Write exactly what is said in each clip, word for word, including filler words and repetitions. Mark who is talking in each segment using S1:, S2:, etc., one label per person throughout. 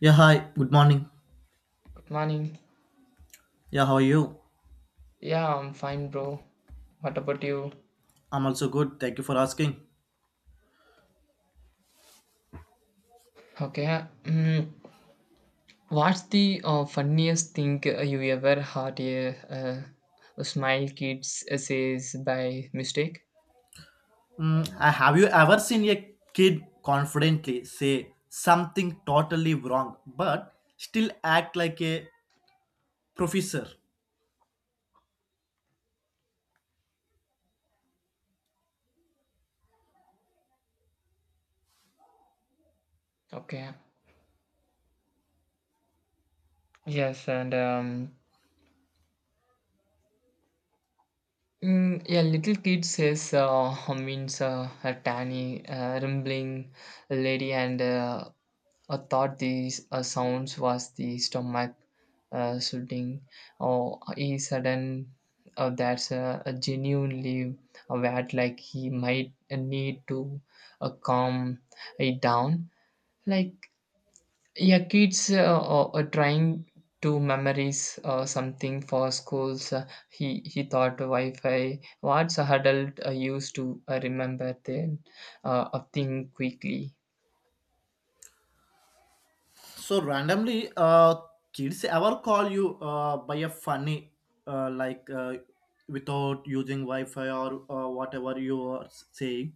S1: Yeah, hi. Good morning.
S2: Morning.
S1: Yeah, how are you?
S2: Yeah, I'm fine, bro. What about you?
S1: I'm also good. Thank you for asking.
S2: Okay. Mm, what's the uh, funniest thing uh, you ever heard a, uh, a smile kids says by mistake?
S1: Mm, uh, have you ever seen a kid confidently say something totally wrong but still act like a professor?
S2: Okay. Yes, and um, Mm, yeah, little kid says uh, means uh, a tiny, uh, rumbling lady, and uh, I thought these uh, sounds was the stomach uh, shooting. Or he sudden, uh, that's a, a genuinely wet, like he might need to uh, calm it down. Like yeah, kids uh, uh, uh, trying to memorize uh, something for schools. Uh, he he thought Wi-Fi. What's a adult uh, used to uh, remember then uh, a thing quickly.
S1: So randomly, uh, kids ever call you uh, by a funny uh, like uh, without using Wi-Fi or uh, whatever you are saying.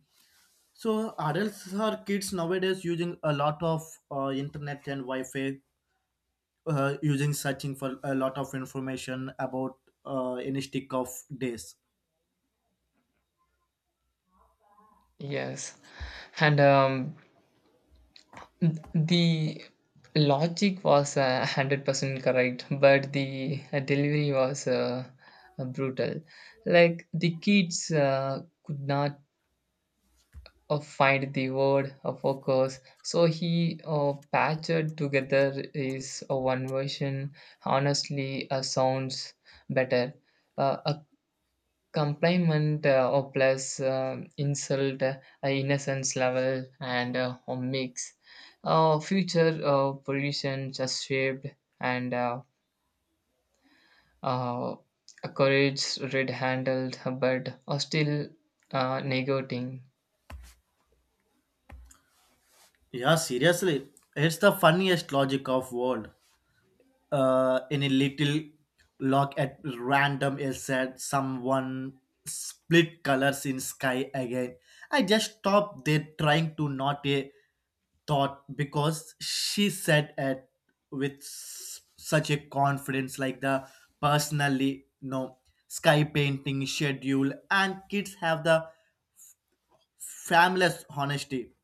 S1: So adults or kids nowadays using a lot of uh, internet and Wi-Fi uh, using searching for a lot of information about uh, any stick of days.
S2: Yes, and um, th- the logic was uh, hundred percent correct, but the uh, delivery was uh, uh, brutal. Like the kids uh, could not uh, find the word uh, focus. So he uh, patched together is uh, one version. Honestly, uh, sounds better. Uh, a compliment uh, or plus um insult, uh, innocence level, and uh, a mix. Uh, future uh, position just shaped and uh, uh, a courage red handled, but uh, still uh, negating.
S1: Yeah, seriously, it's the funniest logic of world. Uh, in a little lock at random is said someone split colors in sky again. I just stopped there trying to not a thought because she said it with s- such a confidence, like the personally no sky painting schedule, and kids have the fabulous honesty.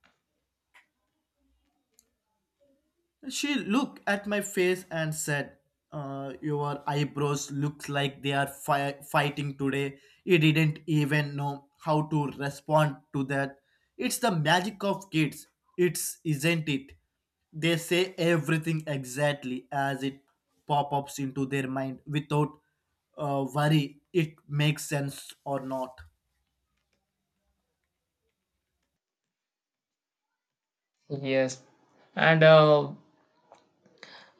S1: She looked at my face and said, uh, "Your eyebrows look like they are fi- fighting today." He didn't even know how to respond to that. It's the magic of kids. It's isn't it? They say everything exactly as it pop ups into their mind without uh, worry it makes sense or not.
S2: Yes, and uh,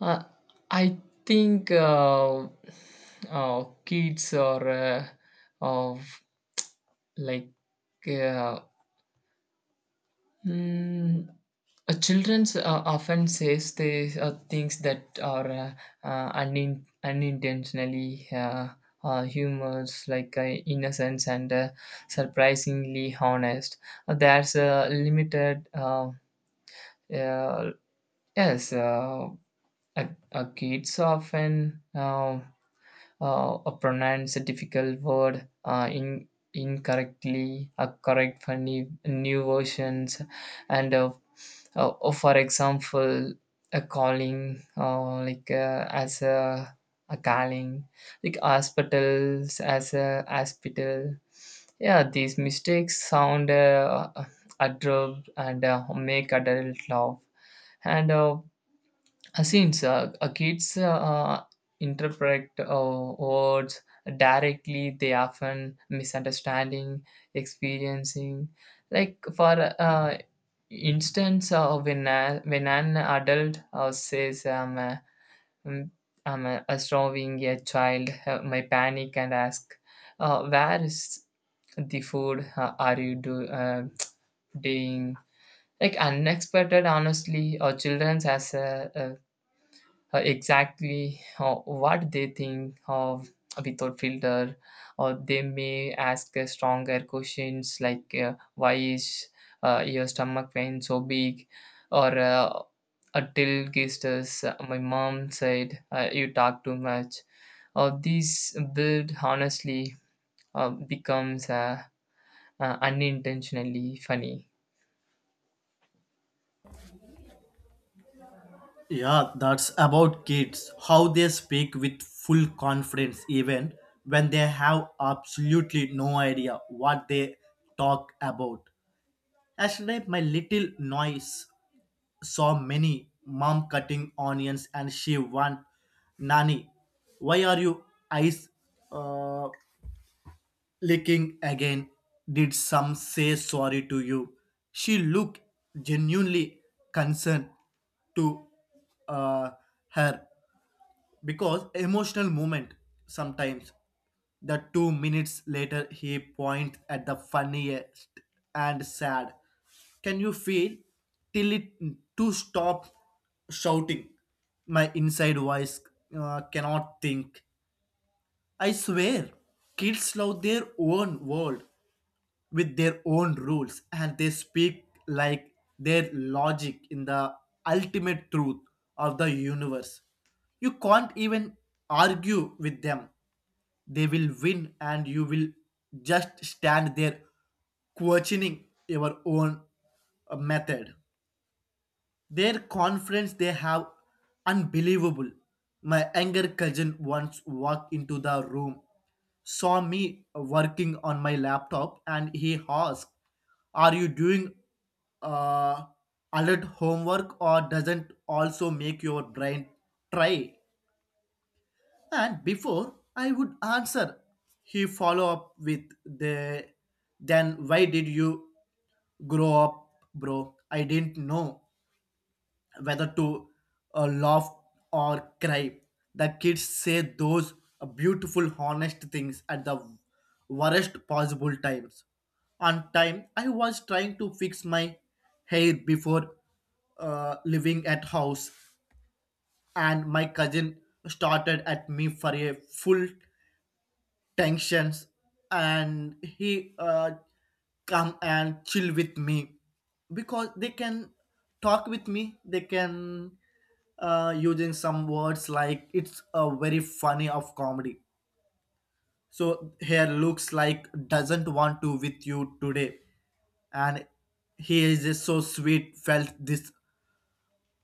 S2: Uh, I think uh, uh, kids or uh, of like uh, mm, uh, childrens uh, often says they uh, things that are uh, uh, unin- unintentionally uh, uh, humorous, like uh, innocence and uh, surprisingly honest. Uh, there's a limited uh, uh, yes. Uh, uh, uh, kids often. Um uh, uh, pronounce a difficult word uh, in incorrectly uh, correct for new, new versions and uh, uh, uh, for example a calling uh, like uh, as a, a calling like hospitals as a hospital. Yeah, these mistakes sound uh, adroit and uh, make adult laugh and uh, uh, since uh, uh, kids uh, uh, interpret uh, words directly, they often misunderstanding, experiencing. Like for uh, instance, uh, when uh, when an adult uh, says, "I'm uh, mm, I'm uh, starving a child," uh, my panic and ask, uh, "Where is the food? Uh, are you do uh, doing?" Like unexpected, honestly, or children as a uh, exactly uh, what they think of without filter, or they may ask uh, stronger questions like uh, why is uh, your stomach pain so big, or uh, until gestures uh, my mom said uh, you talk too much, or these build honestly uh, becomes uh, uh, unintentionally funny.
S1: Yeah, that's about kids. How they speak with full confidence, even when they have absolutely no idea what they talk about. Yesterday, my little niece saw many mom cutting onions and she went, "Nani, why are you eyes uh, licking again? Did some say sorry to you?" She looked genuinely concerned to uh, her because emotional moment. Sometimes the two minutes later he points at the funniest and sad. Can you feel till it to stop shouting? My inside voice uh, cannot think. I swear kids love their own world with their own rules, and they speak like their logic in the ultimate truth of the universe. You can't even argue with them. They will win and you will just stand there questioning your own uh, method. Their confidence they have unbelievable. My younger cousin once walked into the room, saw me working on my laptop, and he asked, "Are you doing uh, alert homework, or doesn't also make your brain try?" And before I would answer, he follow up with the, "Then why did you grow up, bro?" I didn't know whether to uh, laugh or cry. The kids say those uh, beautiful, honest things at the worst possible times. On time, I was trying to fix my hair before uh, living at house, and my cousin started at me for a full tensions, and he uh, come and chill with me because they can talk with me, they can uh, using some words like it's a very funny of comedy. So here looks like doesn't want to with you today, and he is just so sweet felt this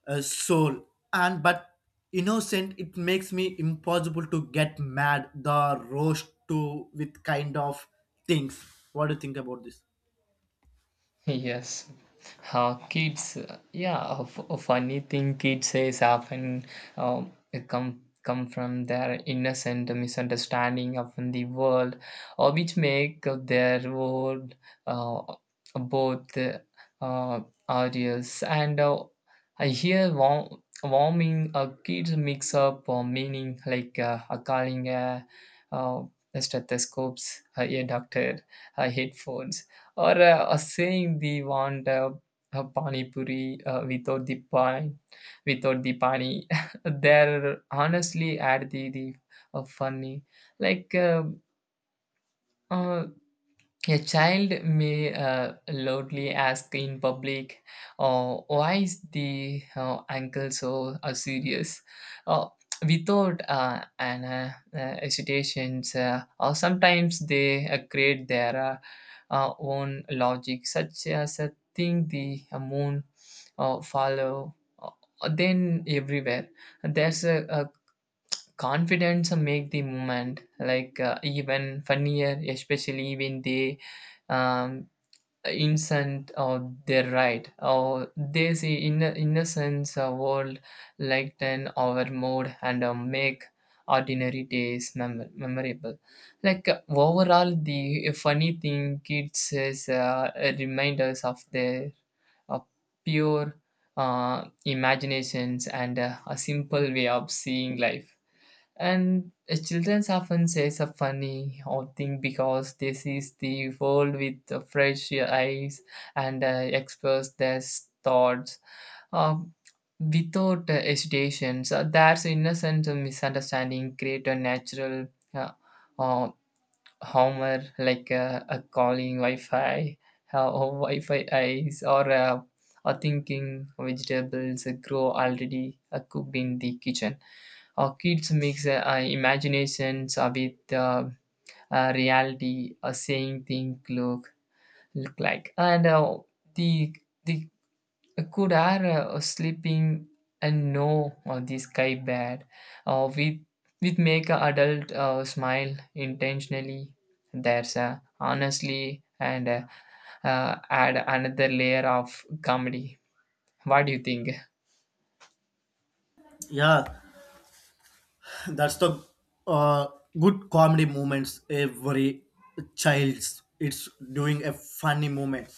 S1: uh, soul, and but innocent it makes me impossible to get mad the roast to with kind of things. What do you think about this?
S2: Yes. Uh, kids, uh, yeah, a, f- a funny thing kids says often, um, it come come from their innocent misunderstanding of the world, or which make their world uh, both uh, audience and uh, I hear warm, warming uh, kids mix up uh, meaning like uh, uh, calling a, uh, stethoscopes, uh, a doctor, uh, headphones or uh, uh, saying they want uh, a pani puri uh, without the pani without the pani. They're honestly at the, the uh, funny like uh, uh, a child may uh, loudly ask in public, uh, why is the uh, uncle so uh, serious? Uh, Without uh, an uh, uh, hesitations, uh, or sometimes they uh, create their uh, uh, own logic, such as uh, think the uh, moon uh, follow. uh, Then everywhere there's a, a confidence make the moment like uh, even funnier, especially when they um innocent or they're right or they see inno- innocence uh, world, lighten our mood and uh, make ordinary days mem- memorable. Like uh, overall the funny thing kids is uh, reminders of their uh, pure uh, imaginations and uh, a simple way of seeing life. And children often say a funny or thing because they see the world with uh, fresh eyes and uh, express their thoughts uh, without uh, hesitation. So that's innocent misunderstanding create a natural uh, uh, humor like uh, a calling Wi-Fi uh, or Wi-Fi eyes or uh, a thinking vegetables grow already uh, cooked in the kitchen. Uh, kids mix uh, uh, imaginations uh, with uh, uh, reality, uh, saying thing look look like, and uh, the the could are uh, sleeping and know uh, the sky bad, uh, with with make a adult uh, smile intentionally. There's uh, honestly and uh, uh, add another layer of comedy. What do you think?
S1: Yeah, that's the uh, good comedy moments. Every child's it's doing a funny moment,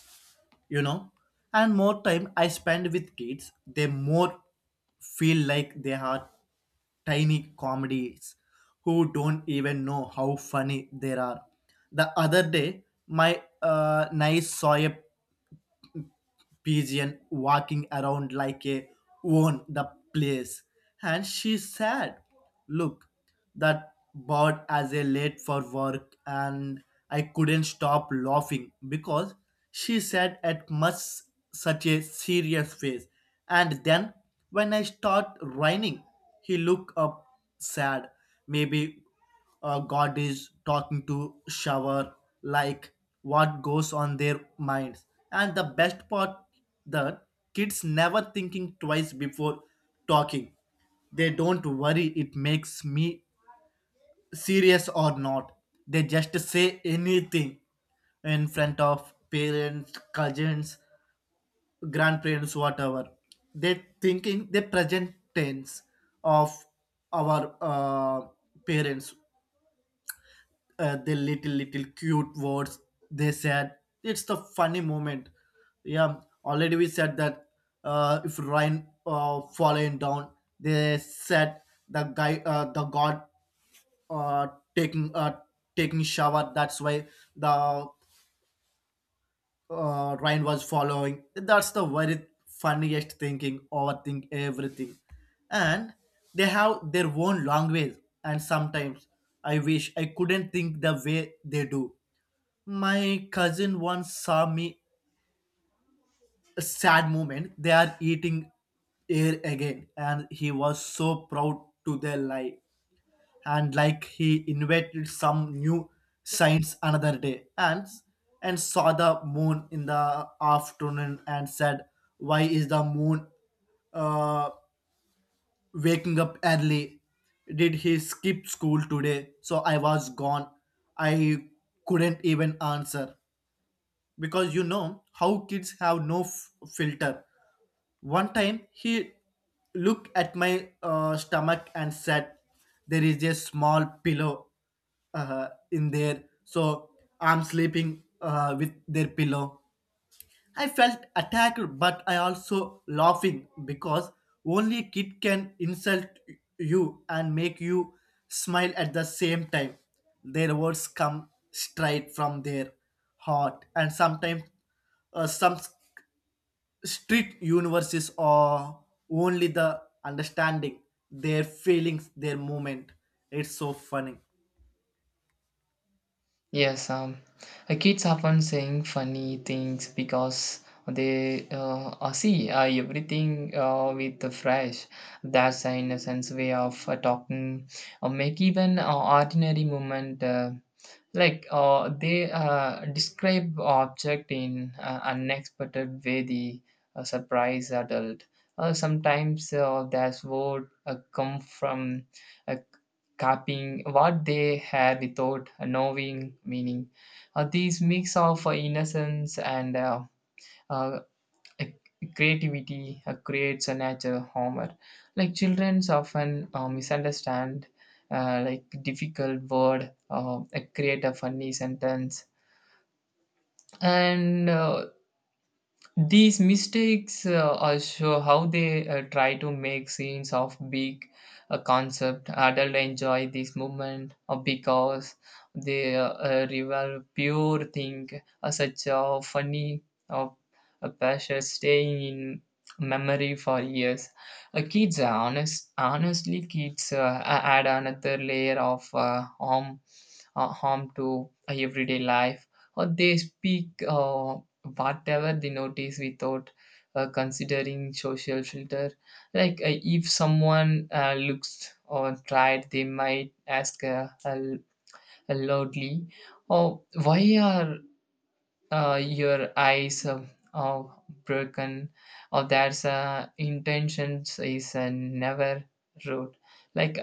S1: you know, and more time I spend with kids, they more feel like they are tiny comedies who don't even know how funny they are. The other day, my uh, niece saw a pigeon walking around like a own the place. And she said, "Look, that bird as a late for work," and I couldn't stop laughing because she said at much such a serious face. And then when I start raining, he looked up sad, maybe uh, God is talking to shower, like what goes on their minds. And the best part that kids never thinking twice before talking. They don't worry it makes me serious or not. They just say anything in front of parents, cousins, grandparents, whatever. They thinking the present tense of our uh, parents, uh, the little little cute words they said. It's the funny moment. Yeah, already we said that uh, if Ryan uh, falling down, they said the guy, uh, the god uh, taking uh, taking shower, that's why the uh, Ryan was following. That's the very funniest thinking, overthink everything. And they have their own language, and sometimes I wish I couldn't think the way they do. My cousin once saw me a sad moment. They are eating air again, and he was so proud to their life. And like he invented some new science another day, and and saw the moon in the afternoon, and said, "Why is the moon uh, waking up early? Did he skip school today?" So I was gone. I couldn't even answer, because you know how kids have no f- filter. One time he looked at my uh, stomach and said, "There is a small pillow uh, in there, so I'm sleeping uh, with their pillow." I felt attacked, but I also laughing because only a kid can insult you and make you smile at the same time. Their words come straight from their heart, and sometimes uh, some s- street universes are only the understanding their feelings, their moment. It's so funny.
S2: Yes, um, uh, kids often saying funny things because they uh, uh, see uh, everything uh, with the fresh. That's the innocence way of uh, talking, or make even uh, ordinary moment. Uh, like uh, they uh, describe object in uh, unexpected way, the uh, surprise adult. Uh, sometimes uh, that's word uh, come from uh, copying what they had without knowing meaning. Uh, these mix of uh, innocence and uh, uh, creativity uh, creates a natural humor. Like children often uh, misunderstand uh, like difficult word, uh, create a funny sentence, and uh, these mistakes uh, also how they uh, try to make scenes of big uh, concept. Adult enjoy this movement uh, because they uh, uh, reveal pure thing, uh, such a funny or a passion staying in memory for years. Uh, kids are honest, honestly, kids uh, add another layer of uh, harm, uh, harm to everyday life. Or they speak. Uh, whatever the notice without uh, considering social filter like uh, if someone uh, looks or tried, they might ask uh, uh, loudly, oh why are uh, your eyes uh, uh, broken, or there's uh, intentions is uh, never rude, like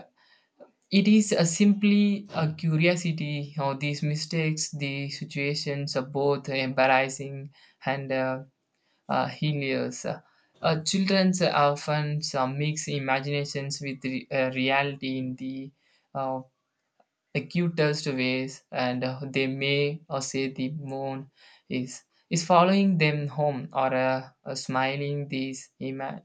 S2: it is uh, simply a curiosity or these mistakes the situations are both embarrassing and uh, uh, hilarious. Uh, children often uh, mix imaginations with re- uh, reality in the uh, acutest ways, and uh, they may uh, say the moon is is following them home or uh, uh, smiling these ima-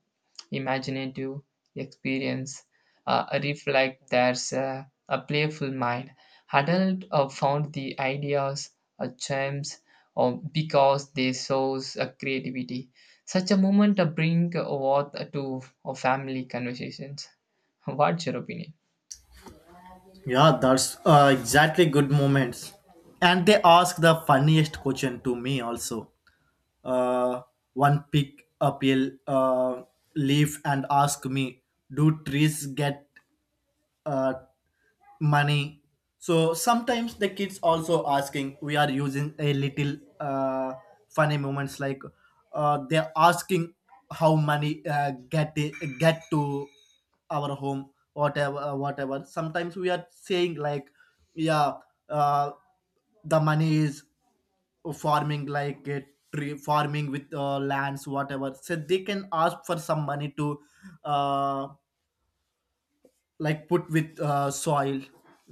S2: imaginative experience uh, reflect there's uh, a playful mind. Adult uh, found the ideas uh, charms, um, because they source uh, creativity. Such a moment uh, bring uh, worth to uh, family conversations. What's your opinion?
S1: Yeah, that's uh, exactly good moments. And they ask the funniest question to me also. Uh, One pick up a uh, leaf and ask me, "Do trees get uh, money?" So sometimes the kids also asking. We are using a little uh, funny moments, like uh, they're asking how money uh, get get to our home, whatever. Uh, whatever sometimes we are saying, like, yeah, uh, the money is farming like a tree farming with uh, lands, whatever, so they can ask for some money to uh, like put with uh, soil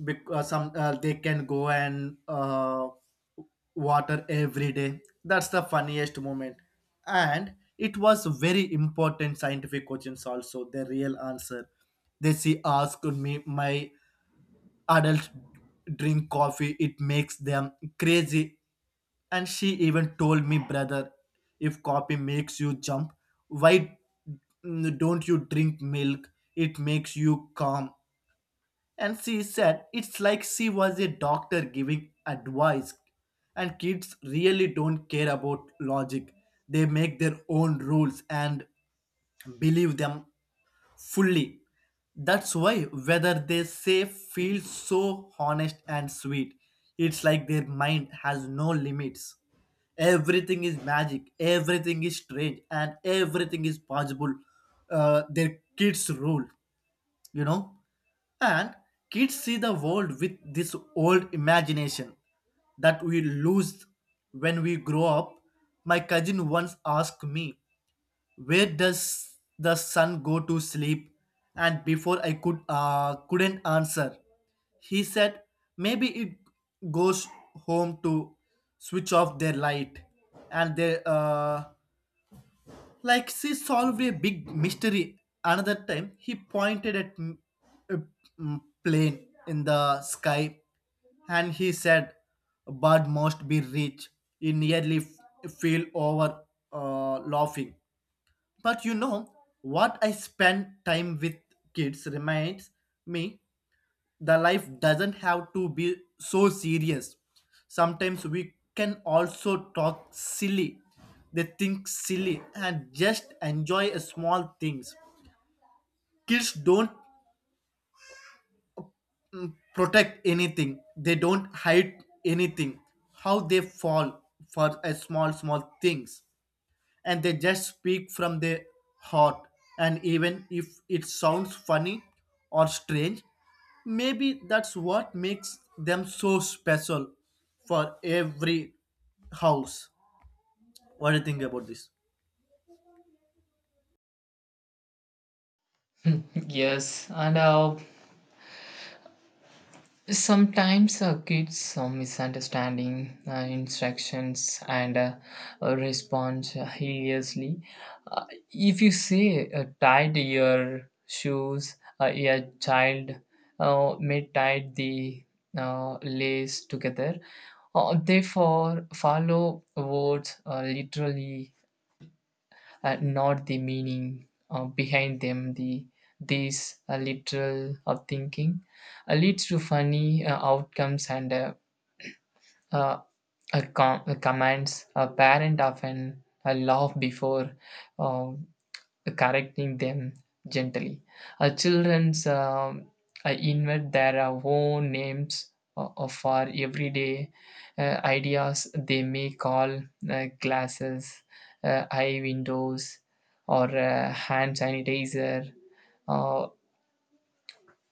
S1: because some uh, they can go and uh, water every day. That's the funniest moment, and it was very important scientific questions also. The real answer they see asked me my adults drink coffee it makes them crazy. And she even told me, "Brother, if coffee makes you jump, why mm, don't you drink milk? It makes you calm." And she said it's like she was a doctor giving advice. And kids really don't care about logic, they make their own rules and believe them fully. That's why whether they say feels so honest and sweet. It's like their mind has no limits. Everything is magic, everything is strange, and everything is possible. Uh, their kids rule, you know. And kids see the world with this old imagination that we lose when we grow up. My cousin once asked me, "Where does the sun go to sleep?" And before I could uh, couldn't answer, he said, "Maybe it goes home to switch off their light," and they uh, like she solved a big mystery. Another time he pointed at m- a mm, plane in the sky, and he said, "A bird must be rich." He nearly f- fell over uh, laughing. But you know what, I spend time with kids reminds me the life doesn't have to be so serious. Sometimes we can also talk silly. They think silly and just enjoy a small things. Kids don't protect anything. They don't hide anything. How they fall for a small small things, and they just speak from their heart, and even if it sounds funny or strange, maybe that's what makes them so special for every house. What do you think about this?
S2: Yes, and uh, sometimes uh, kids uh, misunderstanding uh, instructions and uh, uh, response hideously. Uh, if you say uh, tied your shoes, uh, a child uh, may tie the uh, lace together. Uh, they for follow words uh, literally uh, not the meaning uh, behind them. The This uh, literal of thinking uh, leads to funny uh, outcomes and uh, uh, uh, com- uh, commands. A parent often uh, laugh before. Uh, Correcting them gently. Uh, children's um, uh, invent their uh, own names o- of for everyday uh, ideas. They may call uh, glasses, uh, eye windows, or uh, hand sanitizer, uh,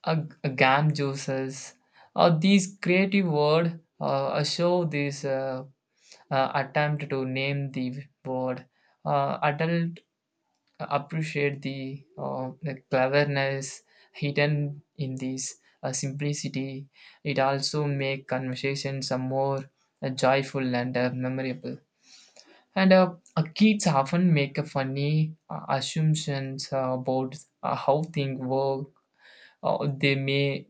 S2: a, a gum juices. Uh, these creative word uh, show this uh, uh, attempt to name the word. Uh, adult appreciate the uh, the cleverness hidden in this uh, simplicity. It also make conversations a more uh, joyful and uh, memorable. And uh, uh, kids often make a funny uh, assumptions uh, about uh, how things work. Uh, they may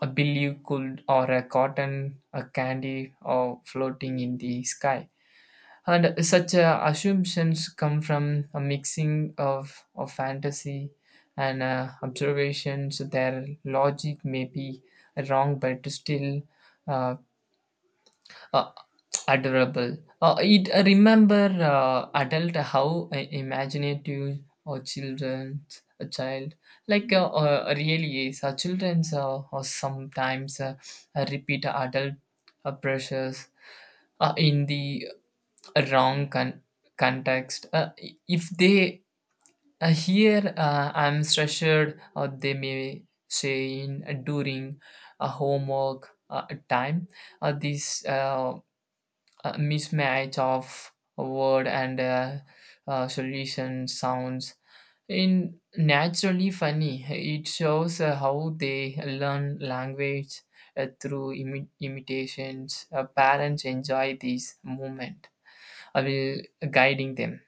S2: uh, believe could or a cotton, a candy, or floating in the sky. And such uh, assumptions come from a mixing of, of fantasy and uh, observations. Their logic may be wrong, but still uh, uh, adorable. Uh, it I remember uh, adult how uh, imaginative or children's a child like uh, uh, really is. Uh, children's uh, or sometimes uh, uh, repeat adult uh, pressures uh, in the a wrong con- context. Uh, if they uh, hear uh, I'm stressed, or they may say in uh, during a homework uh, time, uh, this uh, uh, mismatch of word and uh, uh, solution sounds in naturally funny. It shows uh, how they learn language. uh, through imi- imitations, uh, parents enjoy this moment. uh, will- Guiding them.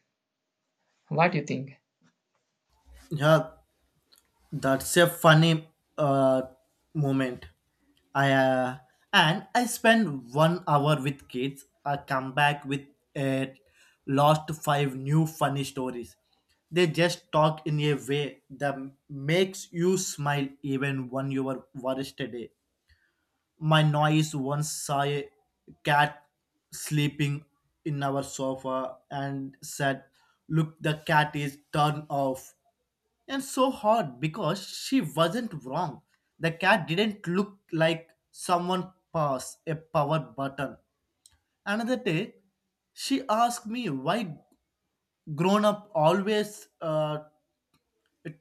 S2: What do you think?
S1: Yeah, that's a funny uh, moment. I uh, and I spend one hour with kids. I come back with a lost five new funny stories. They just talk in a way that makes you smile even when you were worst day. My noise once saw a cat sleeping in our sofa and said, "Look, the cat is turned off," and so hard because she wasn't wrong. The cat didn't look like someone passed a power button. Another day, she asked me why grown up always uh,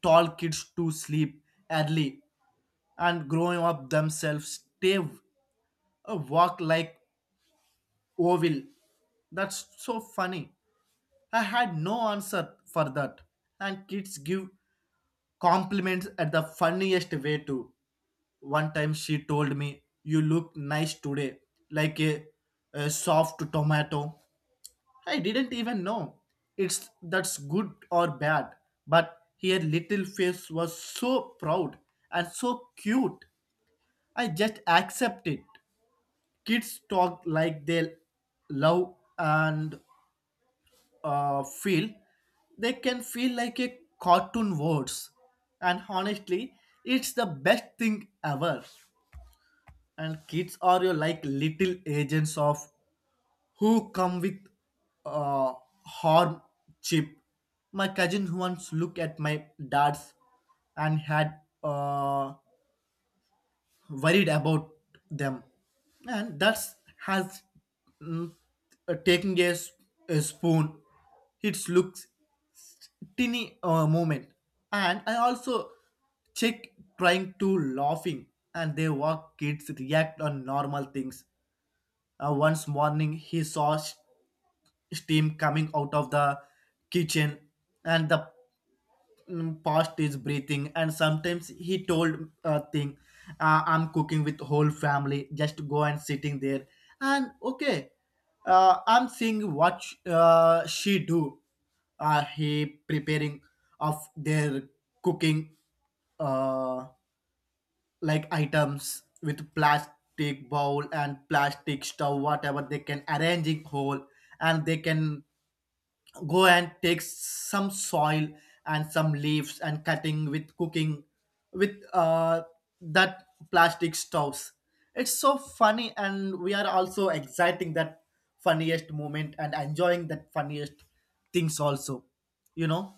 S1: tall kids to sleep early, and growing up themselves stay uh, walk like oval. That's so funny. I had no answer for that. And kids give compliments at the funniest way too. One time she told me, "You look nice today, like a, a soft tomato." I didn't even know it's that's good or bad, but her little face was so proud and so cute. I just accept it. Kids talk like they love and uh, feel they can feel like a cartoon words, and honestly it's the best thing ever. And kids are your like little agents of who come with uh harm chip. My cousin once looked at my dad's and had uh worried about them, and that's has mm, uh, taking a, s- a spoon. It looks teeny uh, moment, and I also check trying to laughing. And they walk kids react on normal things. Uh, once morning, he saw s- steam coming out of the kitchen, and the mm, past is breathing. And sometimes he told a thing, uh, "I'm cooking with whole family. Just go and sitting there." And okay, uh, I'm seeing what sh- uh, she do. Uh, he preparing of their cooking. Uh, like items with plastic bowl and plastic stove, whatever they can arrange in whole, and they can go and take some soil and some leaves and cutting with cooking with uh, that plastic stoves. It's so funny, and we are also exciting that funniest moment and enjoying that funniest things also, you know.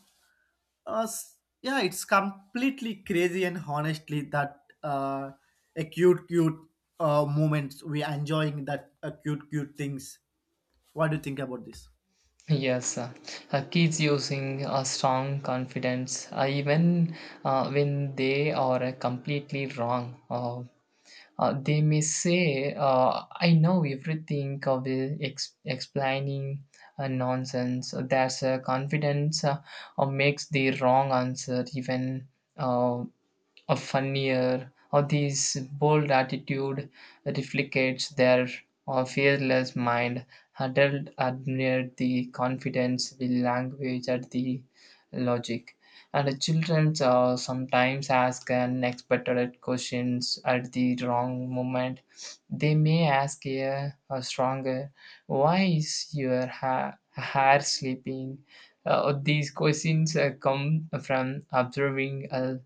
S1: uh, s- Yeah, it's completely crazy, and honestly that uh, a cute, cute uh, moments. We are enjoying that uh, cute, cute things. What do you think about this?
S2: Yes, uh, uh, kids using a strong confidence, uh, even uh, when they are uh, completely wrong. Uh, uh, they may say, uh, I know everything of the ex- explaining uh, nonsense. That's uh, confidence uh, uh, makes the wrong answer even uh, a funnier, or this bold attitude reflects their or fearless mind. Adult admire the confidence, the language, and the logic, and the children uh, sometimes ask unexpected questions at the wrong moment. They may ask a, a stronger, why is your ha- hair sleeping? Uh, these questions uh, come from observing uh,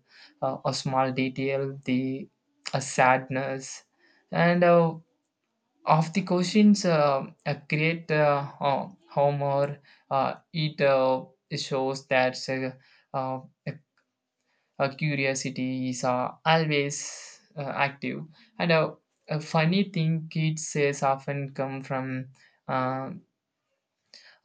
S2: uh, a small detail, the a sadness, and uh, of the questions uh, uh, create uh, uh, humor. Uh, it uh, shows that uh, uh, uh, curiosity is uh, always uh, active, and uh, a funny thing kids says often come from um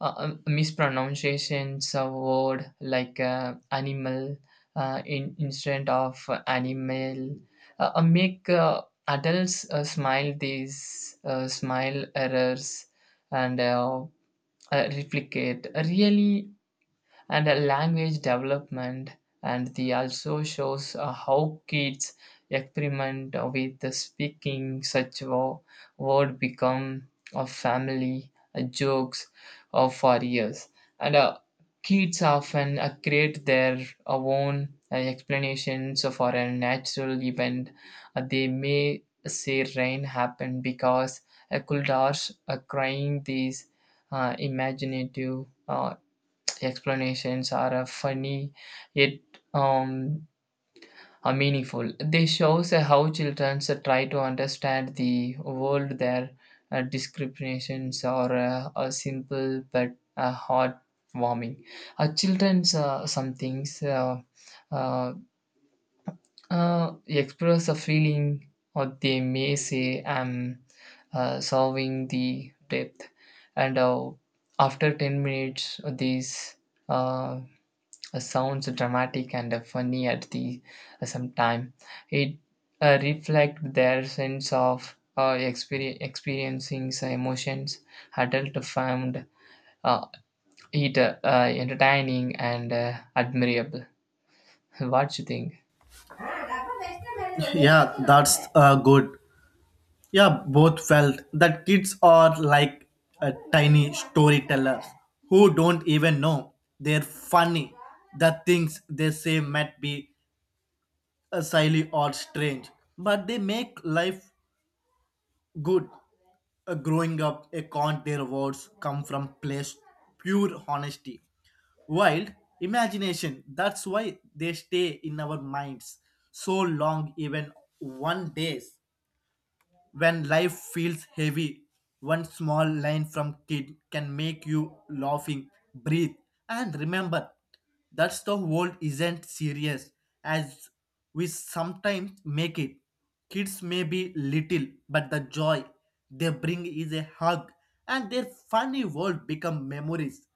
S2: uh, um, mispronunciations of word like uh, animal uh, in instead of animal uh, uh, make uh, adults uh, smile, these uh, smile errors and uh, uh, replicate really and uh, language development. And the also shows uh, how kids experiment with the speaking such wo- word become a family uh, jokes uh, for years. And uh, kids often uh, create their uh, own uh, explanations for a natural event. Uh, they may say rain happened because a uh, kuldars are crying. These uh, imaginative uh, explanations are uh, funny yet um, are meaningful. They shows uh, how children uh, try to understand the world. Their uh, discriminations are uh, are simple but uh, heartwarming. Uh, children's uh, some things uh, uh, uh, express a feeling or they may say I'm uh, solving the depth and uh, after ten minutes these uh, uh, sounds dramatic and uh, funny at the uh, same time. It uh, reflects their sense of uh, exper- experiencing some emotions. Adult found uh, it uh, uh, entertaining and uh, admirable. What you think?
S1: Yeah, that's uh, good. Yeah, both felt that kids are like a tiny storytellers who don't even know they're funny. The things they say might be uh, silly or strange, but they make life good. Uh, growing up, a can't their words come from place pure honesty, wild imagination. That's why they stay in our minds so long, even one days. When life feels heavy, one small line from kid can make you laughing, breathe, and remember that the world isn't serious as we sometimes make it. Kids may be little, but the joy they bring is a hug, and their funny world become memories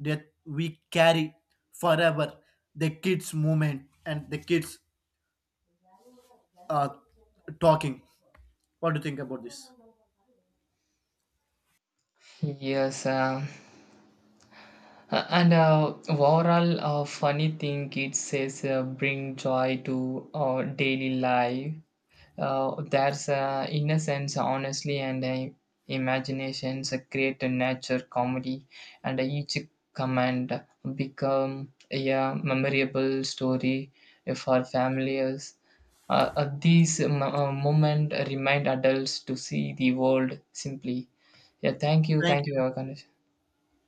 S1: that we carry forever. The kids' movement and the kids uh, talking. What do you think about this?
S2: Yes, um, uh, and uh, overall, uh, funny thing it says uh, bring joy to our daily life. Uh, there's uh, innocence, honestly, and uh, imaginations uh, create a nature comedy, and uh, each command become a uh, memorable story for families. Uh, uh, these m- uh, moments remind adults to see the world simply. Yeah, thank you,
S1: Thank
S2: thank
S1: you.
S2: you, Yogandesh.